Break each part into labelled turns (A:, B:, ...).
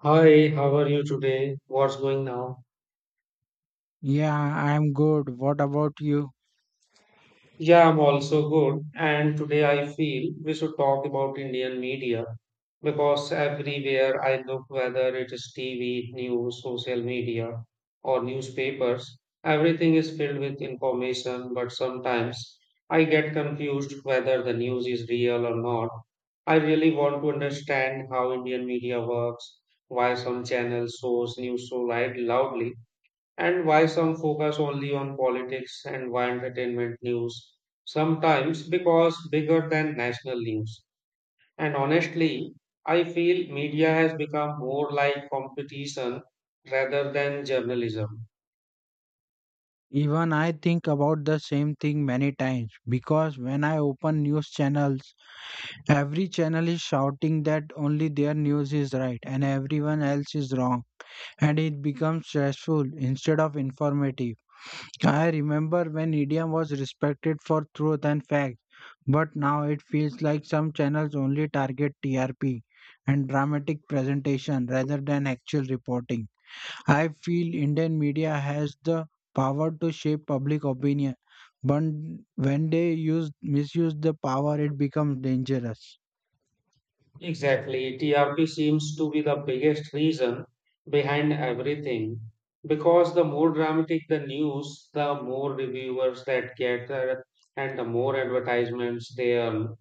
A: Hi, how are you today? What's going now?
B: Yeah, I'm good. What about you?
A: Yeah, I'm also good. And today I feel we should talk about Indian media because everywhere I look, whether it is TV, news, social media, or newspapers, everything is filled with information. But sometimes I get confused whether the news is real or not. I really want to understand how Indian media works, why some channels shows news so loudly and why some focus only on politics and why entertainment news sometimes because bigger than national news, and honestly, I feel media has become more like competition rather than journalism.
B: Even I think about the same thing many times because when I open news channels, every channel is shouting that only their news is right and everyone else is wrong, and it becomes stressful instead of informative. I remember when India was respected for truth and facts, but now it feels like some channels only target TRP and dramatic presentation rather than actual reporting. I feel Indian media has the power to shape public opinion, but when they use misuse the power, it becomes dangerous.
A: Exactly. TRP seems to be the biggest reason behind everything because the more dramatic the news, the more reviewers that get. And the more advertisements they earn.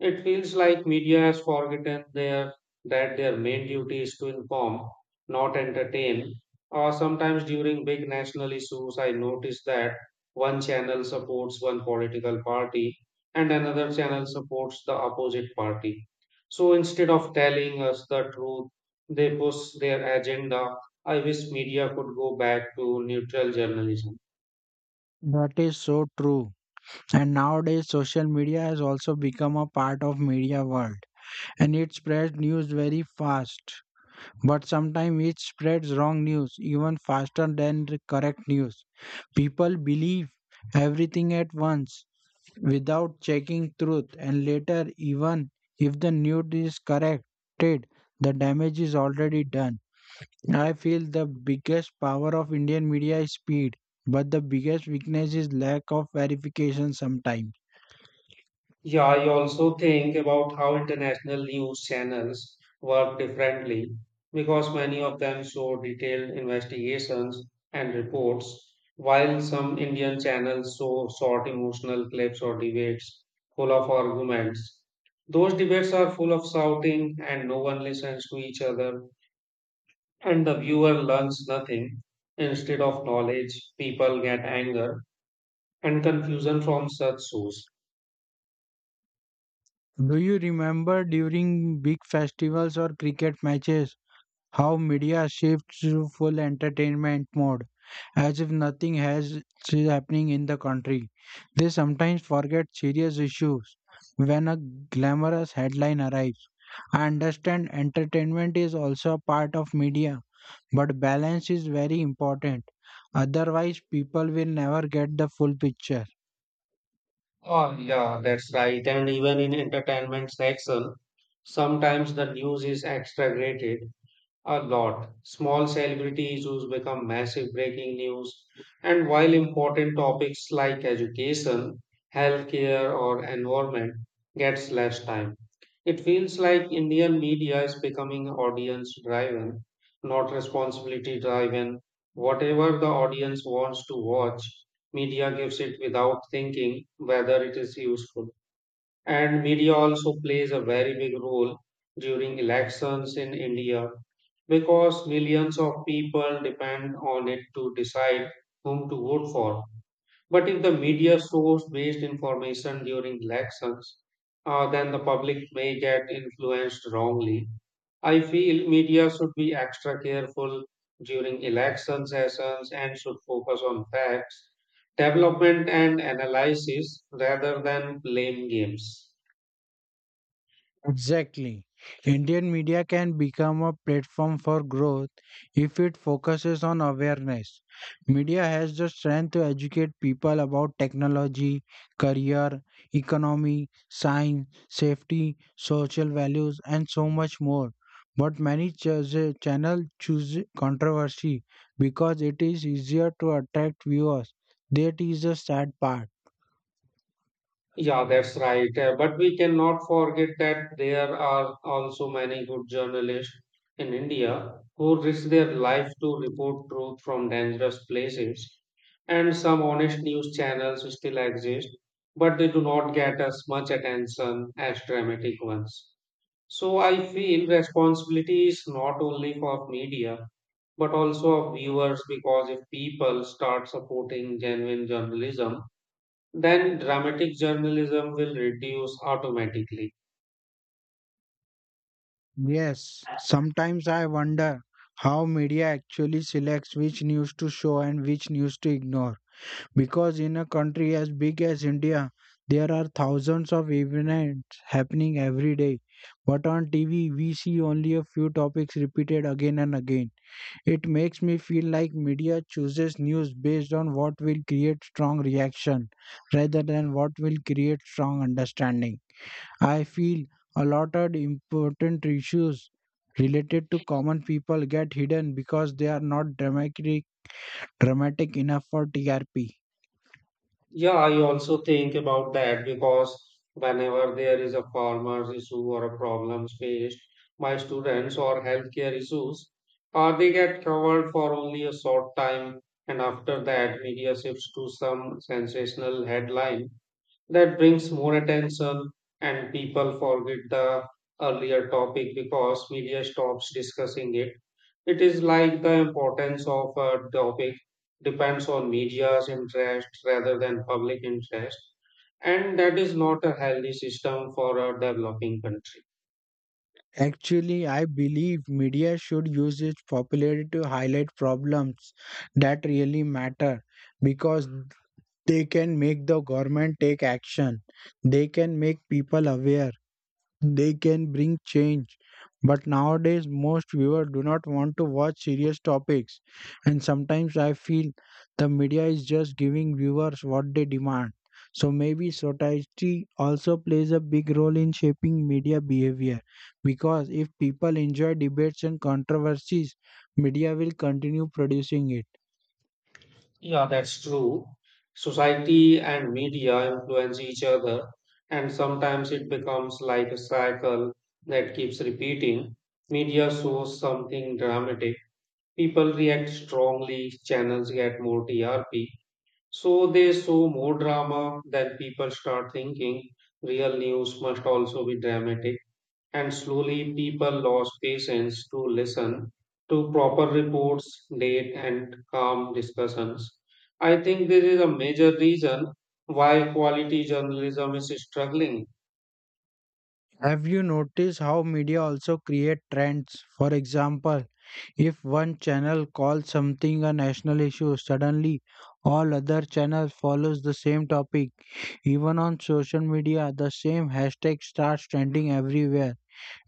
A: It feels like media has forgotten their that their main duty is to inform, not entertain. Or sometimes during big national issues, I notice that one channel supports one political party and another channel supports the opposite party, so instead of telling us the truth, they push their agenda. I wish media could go back to neutral journalism.
B: That is so true. And nowadays, social media has also become a part of media world, and it spreads news very fast. But sometimes it spreads wrong news even faster than the correct news. People believe everything at once without checking truth, and later even if the nude is corrected, the damage is already done. I feel the biggest power of Indian media is speed, but the biggest weakness is lack of verification sometimes.
A: Yeah, I also think about how international news channels work differently because many of them show detailed investigations and reports, while some Indian channels show short emotional clips or debates full of arguments. Those debates are full of shouting, and no one listens to each other and the viewer learns nothing. Instead of knowledge, people get anger and confusion from such shows.
B: Do you remember during big festivals or cricket matches how media shifts to full entertainment mode, as if nothing has is happening in the country. They sometimes forget serious issues when a glamorous headline arrives. I understand entertainment is also a part of media, but balance is very important. Otherwise, people will never get the full picture.
A: Oh, yeah, that's right. And even in entertainment section, sometimes the news is exaggerated a lot. Small celebrity issues become massive breaking news, and while important topics like education, healthcare, or environment gets less time, it feels like Indian media is becoming audience driven, not responsibility driven. Whatever the audience wants to watch, media gives it without thinking whether it is useful. And media also plays a very big role during elections in India because millions of people depend on it to decide whom to vote for. But if the media source based information during elections, then the public may get influenced wrongly. I feel media should be extra careful during election sessions and should focus on facts, development, and analysis rather than blame games.
B: Exactly. Indian media can become a platform for growth if it focuses on awareness. Media has the strength to educate people about technology, career, economy, science, safety, social values, and so much more. But channels choose controversy because it is easier to attract viewers. That is the sad part.
A: Yeah, that's right. But we cannot forget that there are also many good journalists in India who risk their life to report truth from dangerous places. And some honest news channels still exist, but they do not get as much attention as dramatic ones. So I feel responsibility is not only for media, but also of viewers because if people start supporting genuine journalism, then dramatic journalism will reduce automatically.
B: Yes, sometimes I wonder how media actually selects which news to show and which news to ignore. Because in a country as big as India, there are thousands of events happening every day. But on TV, we see only a few topics repeated again and again. It makes me feel like media chooses news based on what will create strong reaction rather than what will create strong understanding. I feel a lot of important issues related to common people get hidden because they are not dramatic enough for TRP.
A: Yeah, I also think about that because whenever there is a farmer's issue or a problem faced by students or healthcare issues, they get covered for only a short time, and after that, media shifts to some sensational headline that brings more attention and people forget the earlier topic because media stops discussing it. It is like the importance of a topic depends on media's interest rather than public interest, and that is not a healthy system for a developing country.
B: Actually, I believe media should use its popularity to highlight problems that really matter because they can make the government take action. They can make people aware. They can bring change. But nowadays, most viewers do not want to watch serious topics. And sometimes I feel the media is just giving viewers what they demand. So maybe society also plays a big role in shaping media behavior. Because if people enjoy debates and controversies, media will continue producing it.
A: Yeah, that's true. Society and media influence each other, and sometimes it becomes like a cycle that keeps repeating. Media shows something dramatic, people react strongly, channels get more TRP. So they show more drama, then people start thinking real news must also be dramatic. And slowly, people lost patience to listen to proper reports, date, and calm discussions. I think this is a major reason why quality journalism is struggling.
B: Have you noticed how media also create trends? For example, if one channel calls something a national issue, suddenly all other channels follows the same topic. Even on social media, the same hashtag starts trending everywhere.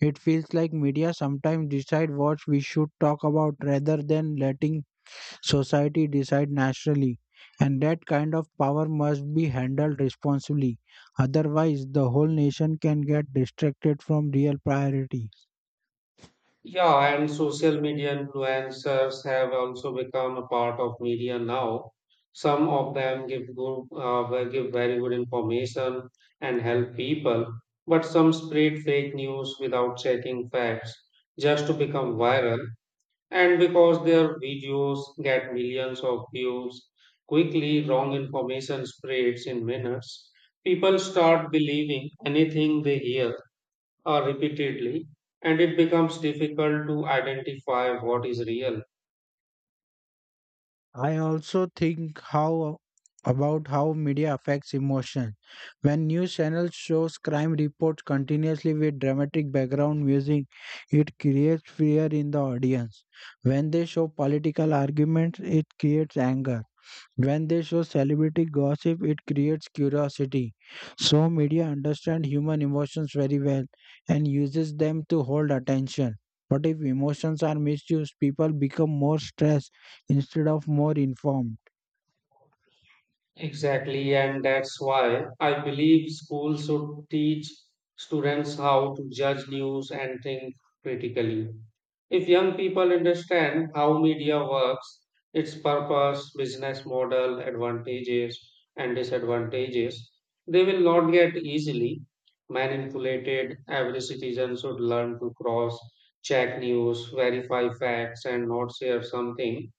B: It feels like media sometimes decide what we should talk about rather than letting society decide nationally. And that kind of power must be handled responsibly. Otherwise, the whole nation can get distracted from real priority.
A: Yeah, and social media influencers have also become a part of media now. Some of them give give very good information and help people, but some spread fake news without checking facts just to become viral. And because their videos get millions of views quickly, wrong information spreads in minutes. People start believing anything they hear, repeatedly, and it becomes difficult to identify what is real.
B: I also think how about how media affects emotion. When news channels shows crime reports continuously with dramatic background music, it creates fear in the audience. When they show political arguments, it creates anger. When they show celebrity gossip, it creates curiosity. So media understand human emotions very well and uses them to hold attention. But if emotions are misused, people become more stressed instead of more informed.
A: Exactly, and that's why I believe schools should teach students how to judge news and think critically. If young people understand how media works, its purpose, business model, advantages, and disadvantages, they will not get easily manipulated. Every citizen should learn to cross check news, verify facts, and not share something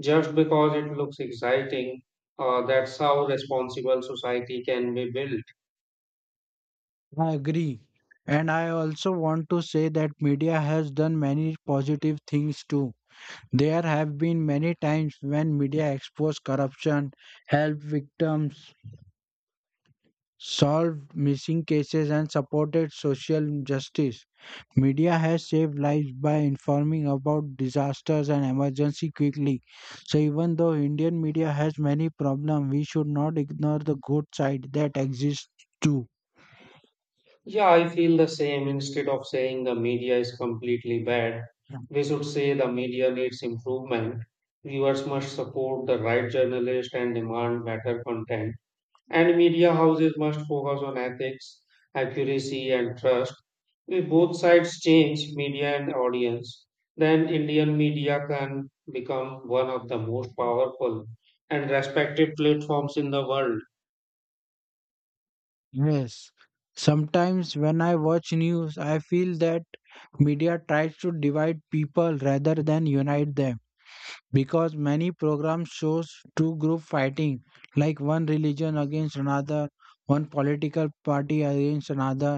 A: just because it looks exciting. That's how responsible society can be built.
B: I agree. And I also want to say that media has done many positive things too. There have been many times when media exposed corruption, helped victims, solved missing cases, and supported social justice. Media has saved lives by informing about disasters and emergency quickly. So even though Indian media has many problems, we should not ignore the good side that exists too.
A: Yeah, I feel the same. Instead of saying the media is completely bad, we should say the media needs improvement. Viewers must support the right journalist and demand better content, and media houses must focus on ethics, accuracy, and trust. If both sides change media and audience, then Indian media can become one of the most powerful and respected platforms in the world.
B: Yes. Sometimes when I watch news, I feel that media tries to divide people rather than unite them, because many programs shows two group fighting, like one religion against another, one political party against another,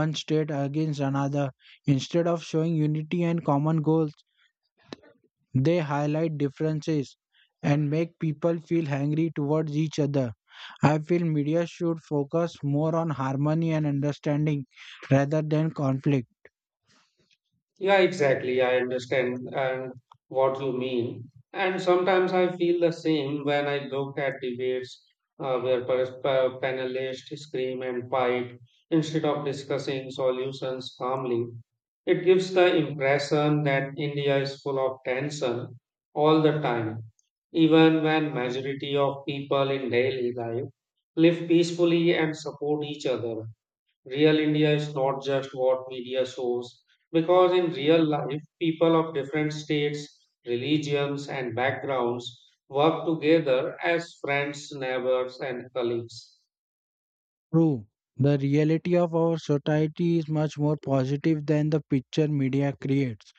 B: one state against another, instead of showing unity and common goals. They highlight differences and make people feel angry towards each other. I feel media should focus more on harmony and understanding rather than conflict.
A: Yeah, exactly. I understand and what you mean. And sometimes I feel the same when I look at debates where panelists scream and fight instead of discussing solutions calmly. It gives the impression that India is full of tension all the time, even when majority of people in daily life live peacefully and support each other. Real India is not just what media shows, because in real life, people of different states, religions, and backgrounds work together as friends, neighbors, and colleagues.
B: True, the reality of our society is much more positive than the picture media creates.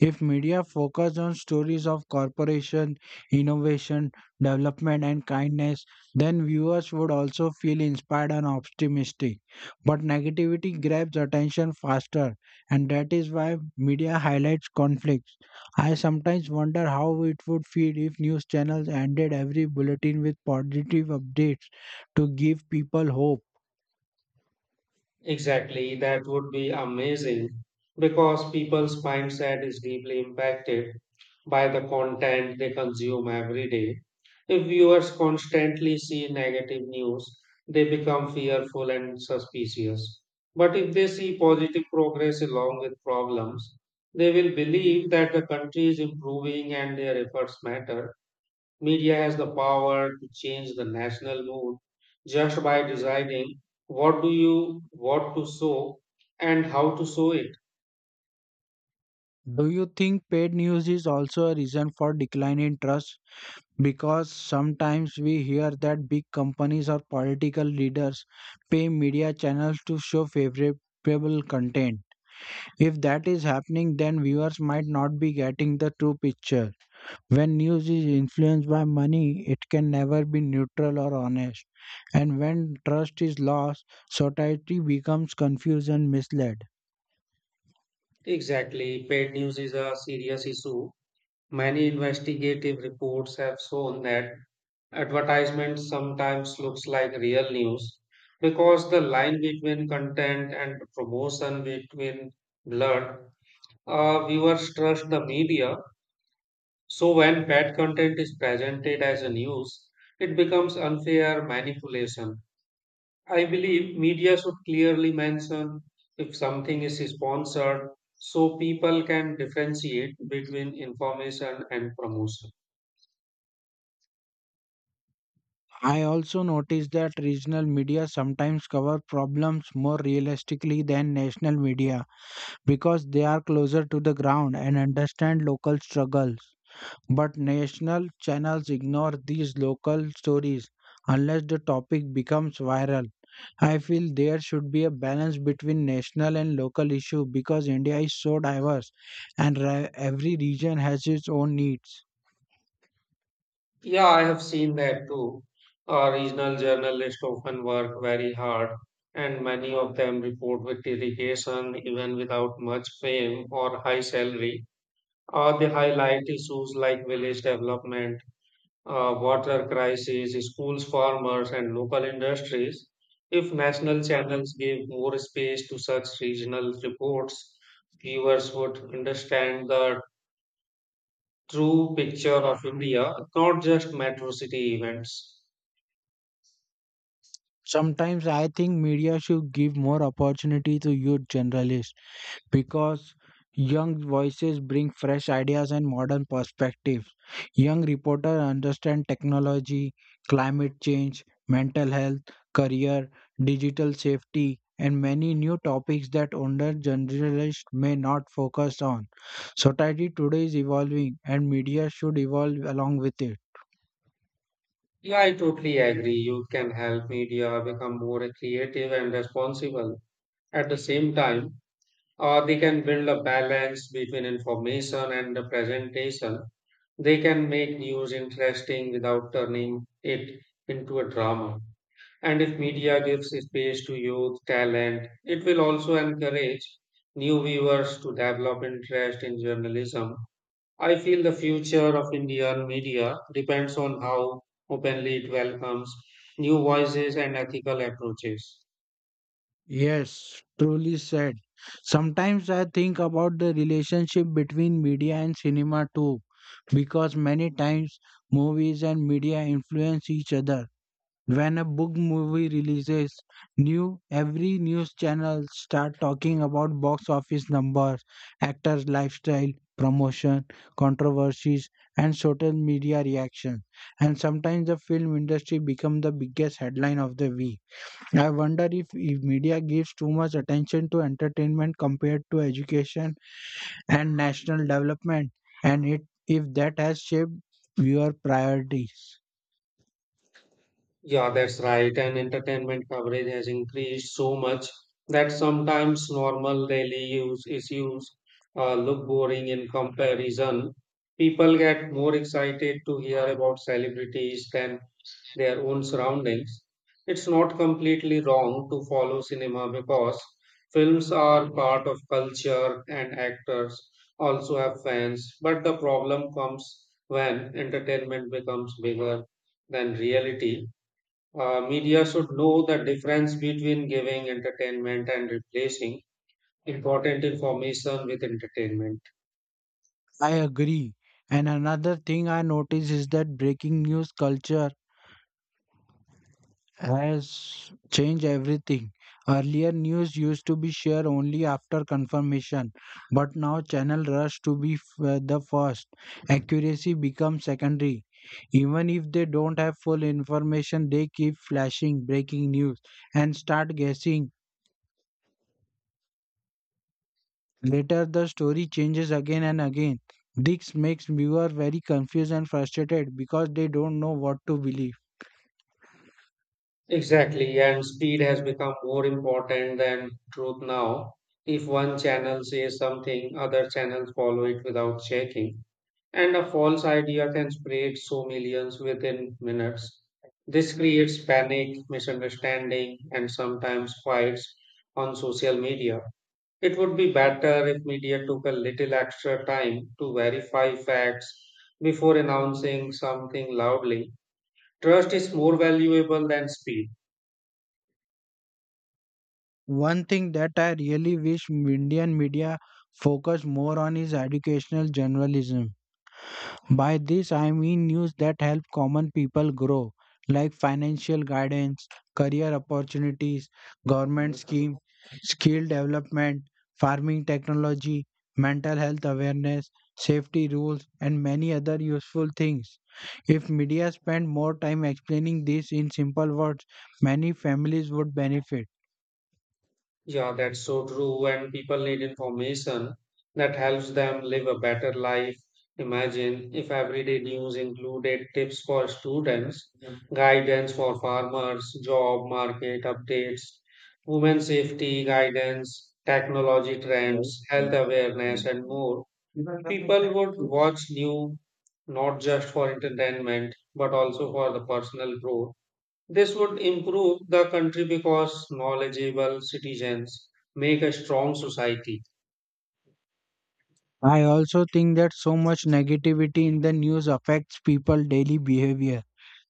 B: If media focused on stories of corporation, innovation, development, and kindness, then viewers would also feel inspired and optimistic. But negativity grabs attention faster, and that is why media highlights conflicts. I sometimes wonder how it would feel if news channels ended every bulletin with positive updates to give people hope.
A: Exactly, that would be amazing because people's mindset is deeply impacted by the content they consume every day. If viewers constantly see negative news, they become fearful and suspicious. But if they see positive progress along with problems, they will believe that the country is improving and their efforts matter. Media has the power to change the national mood just by deciding what do you what to show and how to show it.
B: Do you think paid news is also a reason for decline in trust? Because sometimes we hear that big companies or political leaders pay media channels to show favorable content. If that is happening, then viewers might not be getting the true picture. When news is influenced by money, it can never be neutral or honest. And when trust is lost, society becomes confused and misled.
A: Exactly, paid news is a serious issue. Many investigative reports have shown that advertisement sometimes looks like real news because the line between content and promotion between blurred. Viewers trust the media. So when bad content is presented as a news, it becomes unfair manipulation. I believe media should clearly mention if something is sponsored so people can differentiate between information and promotion.
B: I also noticed that regional media sometimes cover problems more realistically than national media because they are closer to the ground and understand local struggles. But national channels ignore these local stories unless the topic becomes viral. I feel there should be a balance between national and local issue because India is so diverse, and every region has its own needs.
A: Yeah, I have seen that too. Regional journalists often work very hard and many of them report with dedication even without much fame or high salary. They highlight issues like village development, water crisis, schools, farmers, and local industries. If national channels give more space to such regional reports, viewers would understand the true picture of India, not just metro city events.
B: Sometimes I think media should give more opportunity to youth journalists because young voices bring fresh ideas and modern perspectives. Young reporters understand technology, climate change, mental health, career, digital safety, and many new topics that older journalists may not focus on. Society today is evolving, and media should evolve along with it.
A: Yeah, I totally agree. You can help media become more creative and responsible. At the same time, they can build a balance between information and the presentation. They can make news interesting without turning it into a drama. And if media gives space to youth talent, it will also encourage new viewers to develop interest in journalism. I feel the future of Indian media depends on how openly it welcomes new voices and ethical approaches.
B: Yes, truly said. Sometimes I think about the relationship between media and cinema too, because many times movies and media influence each other. When a book movie releases, new every news channel start talking about box office numbers, actors' lifestyle, promotion, controversies, and social media reaction. And sometimes the film industry become the biggest headline of the week. I wonder if media gives too much attention to entertainment compared to education and national development, and it, if that has shaped viewer priorities.
A: Yeah, that's right. And entertainment coverage has increased so much that sometimes normal daily use issues look boring in comparison. People get more excited to hear about celebrities than their own surroundings. It's not completely wrong to follow cinema because films are part of culture and actors also have fans. But the problem comes when entertainment becomes bigger than reality. Media should know the difference between giving entertainment and replacing important information with entertainment.
B: I agree. And another thing I notice is that breaking news culture has changed everything. Earlier, news used to be shared only after confirmation, but now channel rush to be the first. Accuracy becomes secondary. Even if they don't have full information, they keep flashing breaking news and start guessing. Later, the story changes again and again. This makes viewers very confused and frustrated because they don't know what to believe.
A: Exactly, and speed has become more important than truth now. If one channel says something, other channels follow it without checking, and a false idea can spread so millions within minutes. This creates panic, misunderstanding, and sometimes fights on social media. It would be better if media took a little extra time to verify facts before announcing something loudly. Trust is more valuable than speed.
B: One thing that I really wish Indian media focus more on is educational journalism. By this, I mean news that help common people grow, like financial guidance, career opportunities, government schemes, skill development, farming technology, mental health awareness, safety rules, and many other useful things. If media spent more time explaining this in simple words, many families would benefit.
A: Yeah, that's so true. And people need information that helps them live a better life. Imagine if everyday news included tips for students, guidance for farmers, job market updates, women safety guidance, technology trends, health awareness, and more. People would watch new not just for entertainment but also for the personal growth. This would improve the country because knowledgeable citizens make a strong society.
B: I also think that so much negativity in the news affects people daily behavior.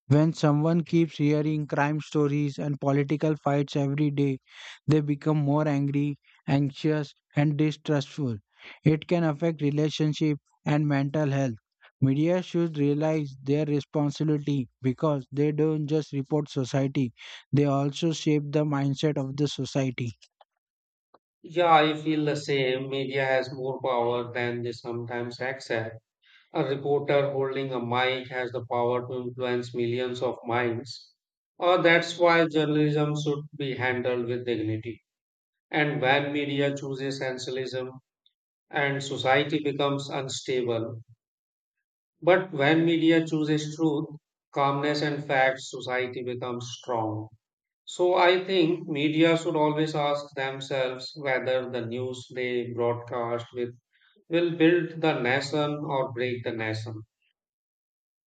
B: When someone keeps hearing crime stories and political fights every day, they become more angry, anxious, and distrustful. It can affect relationship and mental health. Media should realize their responsibility because they don't just report society, they also shape the mindset of the society.
A: Yeah, I feel the same. Media has more power than they sometimes accept. A reporter holding a mic has the power to influence millions of minds. That's why journalism should be handled with dignity. And when media chooses sensationalism and society becomes unstable. But when media chooses truth, calmness, and facts, society becomes strong. So I think media should always ask themselves whether the news they broadcast with will build the nation or break the nation.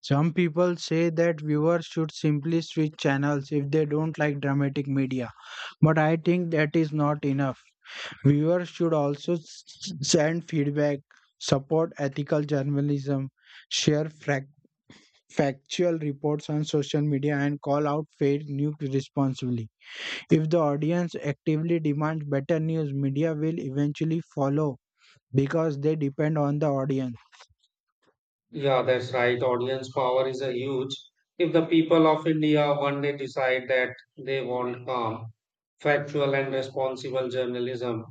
B: Some people say that viewers should simply switch channels if they don't like dramatic media, but I think that is not enough. Viewers should also send feedback, support ethical journalism, share factual reports on social media, and call out fake news responsibly. If the audience actively demands better news, media will eventually follow because they depend on the audience.
A: Yeah, that's right. Audience power is a huge. If the people of India one day decide that they want calm, factual, and responsible journalism,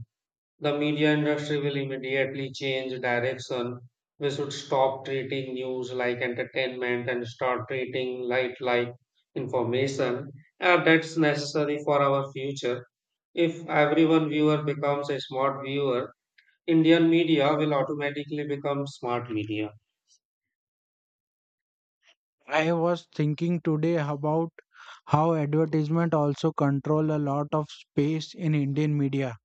A: the media industry will immediately change direction. We should stop treating news like entertainment and start treating light like information. And that's necessary for our future. If everyone viewer becomes a smart viewer, Indian media will automatically become smart media.
B: I was thinking today about how advertisement also control a lot of space in Indian media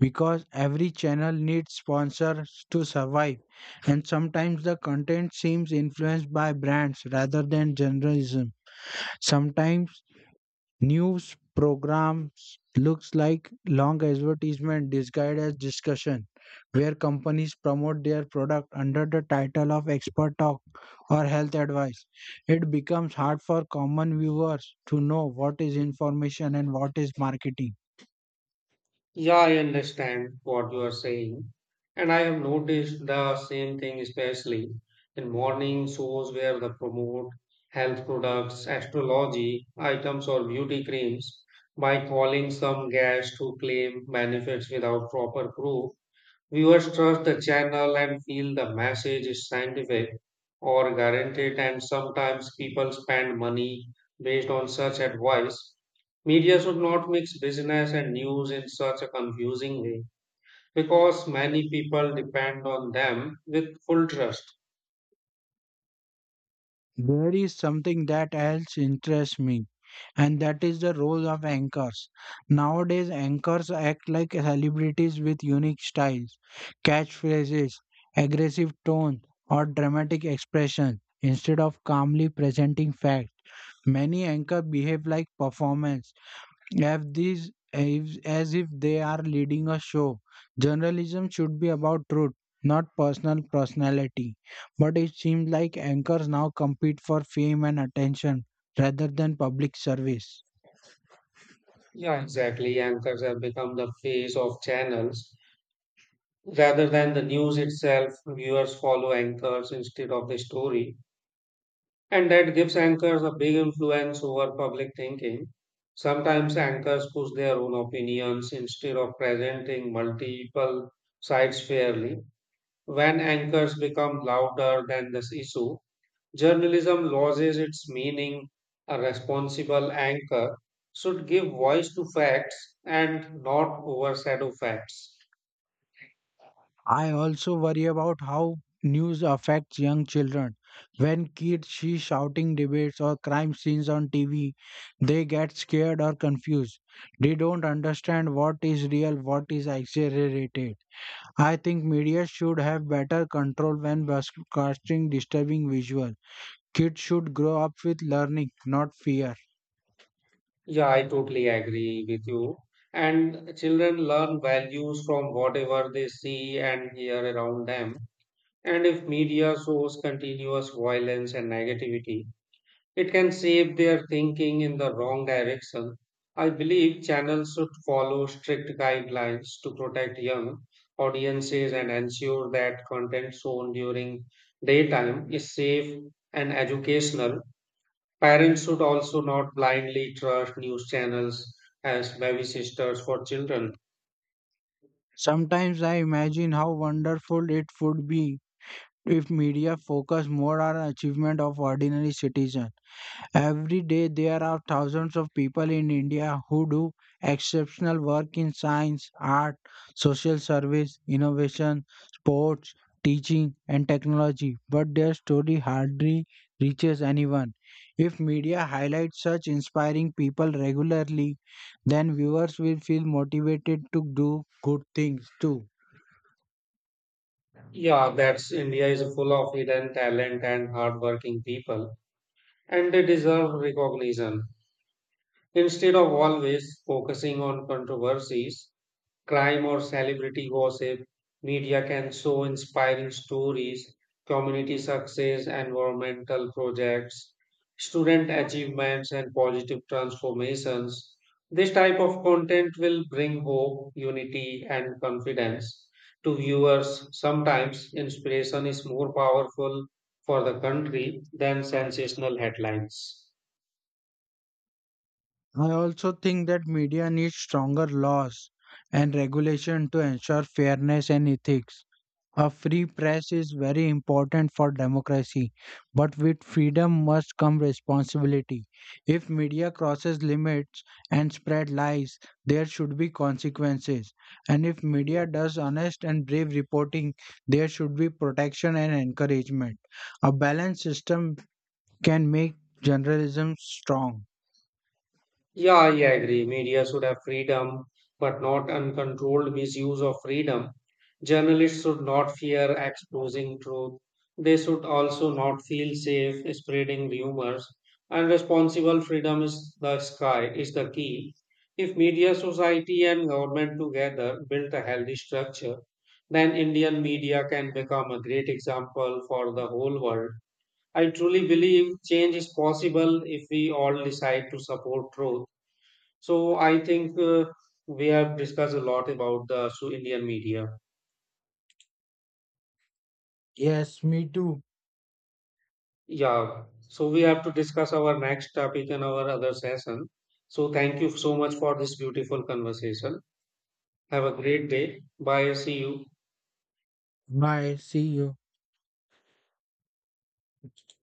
B: because every channel needs sponsors to survive, and sometimes the content seems influenced by brands rather than journalism. Sometimes news programs looks like long advertisement disguised as discussion, where companies promote their product under the title of expert talk or health advice. It becomes hard for common viewers to know what is information and what is marketing.
A: Yeah, I understand what you are saying. And I have noticed the same thing, especially in morning shows where they promote health products, astrology items, or beauty creams by calling some gas to claim benefits without proper proof. Viewers trust the channel and feel the message is scientific or guaranteed, and sometimes people spend money based on such advice. Media should not mix business and news in such a confusing way because many people depend on them with full trust.
B: There is something that else interests me, and that is the role of anchors. Nowadays, anchors act like celebrities with unique styles, catchphrases, aggressive tone, or dramatic expression instead of calmly presenting facts. Many anchors behave like performers if these, if, as if they are leading a show. Journalism should be about truth, not personality. But it seems like anchors now compete for fame and attention rather than public service.
A: Yeah, exactly. Anchors have become the face of channels rather than the news itself. Viewers follow anchors instead of the story. And that gives anchors a big influence over public thinking. Sometimes anchors push their own opinions instead of presenting multiple sides fairly. When anchors become louder than this issue, journalism loses its meaning. A responsible anchor should give voice to facts and not overshadow facts.
B: I also worry about how news affects young children. When kids see shouting debates or crime scenes on TV, they get scared or confused. They don't understand what is real, what is exaggerated. I think media should have better control when broadcasting disturbing visual. Kids should grow up with learning, not fear.
A: Yeah, I totally agree with you. And children learn values from whatever they see and hear around them. And if media shows continuous violence and negativity, it can shape their thinking in the wrong direction. I believe channels should follow strict guidelines to protect young audiences and ensure that content shown during daytime is safe and educational. Parents should also not blindly trust news channels as baby sisters for children.
B: Sometimes I imagine how wonderful it would be if media focused more on achievement of ordinary citizens. Every day, there are thousands of people in India who do exceptional work in science, art, social service, innovation, sports, teaching, and technology, but their story hardly reaches anyone. If media highlights such inspiring people regularly, then viewers will feel motivated to do good things too.
A: Yeah, that's India is full of hidden talent and hardworking people, and they deserve recognition. Instead of always focusing on controversies, crime or celebrity gossip, media can show inspiring stories, community success, environmental projects, student achievements, and positive transformations. This type of content will bring hope, unity, and confidence to viewers. Sometimes inspiration is more powerful for the country than sensational headlines.
B: I also think that media needs stronger laws and regulation to ensure fairness and ethics. A free press is very important for democracy, but with freedom must come responsibility. If media crosses limits and spread lies, there should be consequences. And if media does honest and brave reporting, there should be protection and encouragement. A balanced system can make journalism strong.
A: Yeah, I agree. Media should have freedom, but not uncontrolled misuse of freedom. Journalists should not fear exposing truth. They should also not feel safe spreading rumors. And responsible freedom is the sky is the key. If media society and government together build a healthy structure, then Indian media can become a great example for the whole world. I truly believe change is possible if we all decide to support truth. So I think we have discussed a lot about the so Indian media.
B: Yes, me too.
A: Yeah. So we have to discuss our next topic in our other session. So thank you so much for this beautiful conversation. Have a great day. Bye. See you.
B: Bye. See you.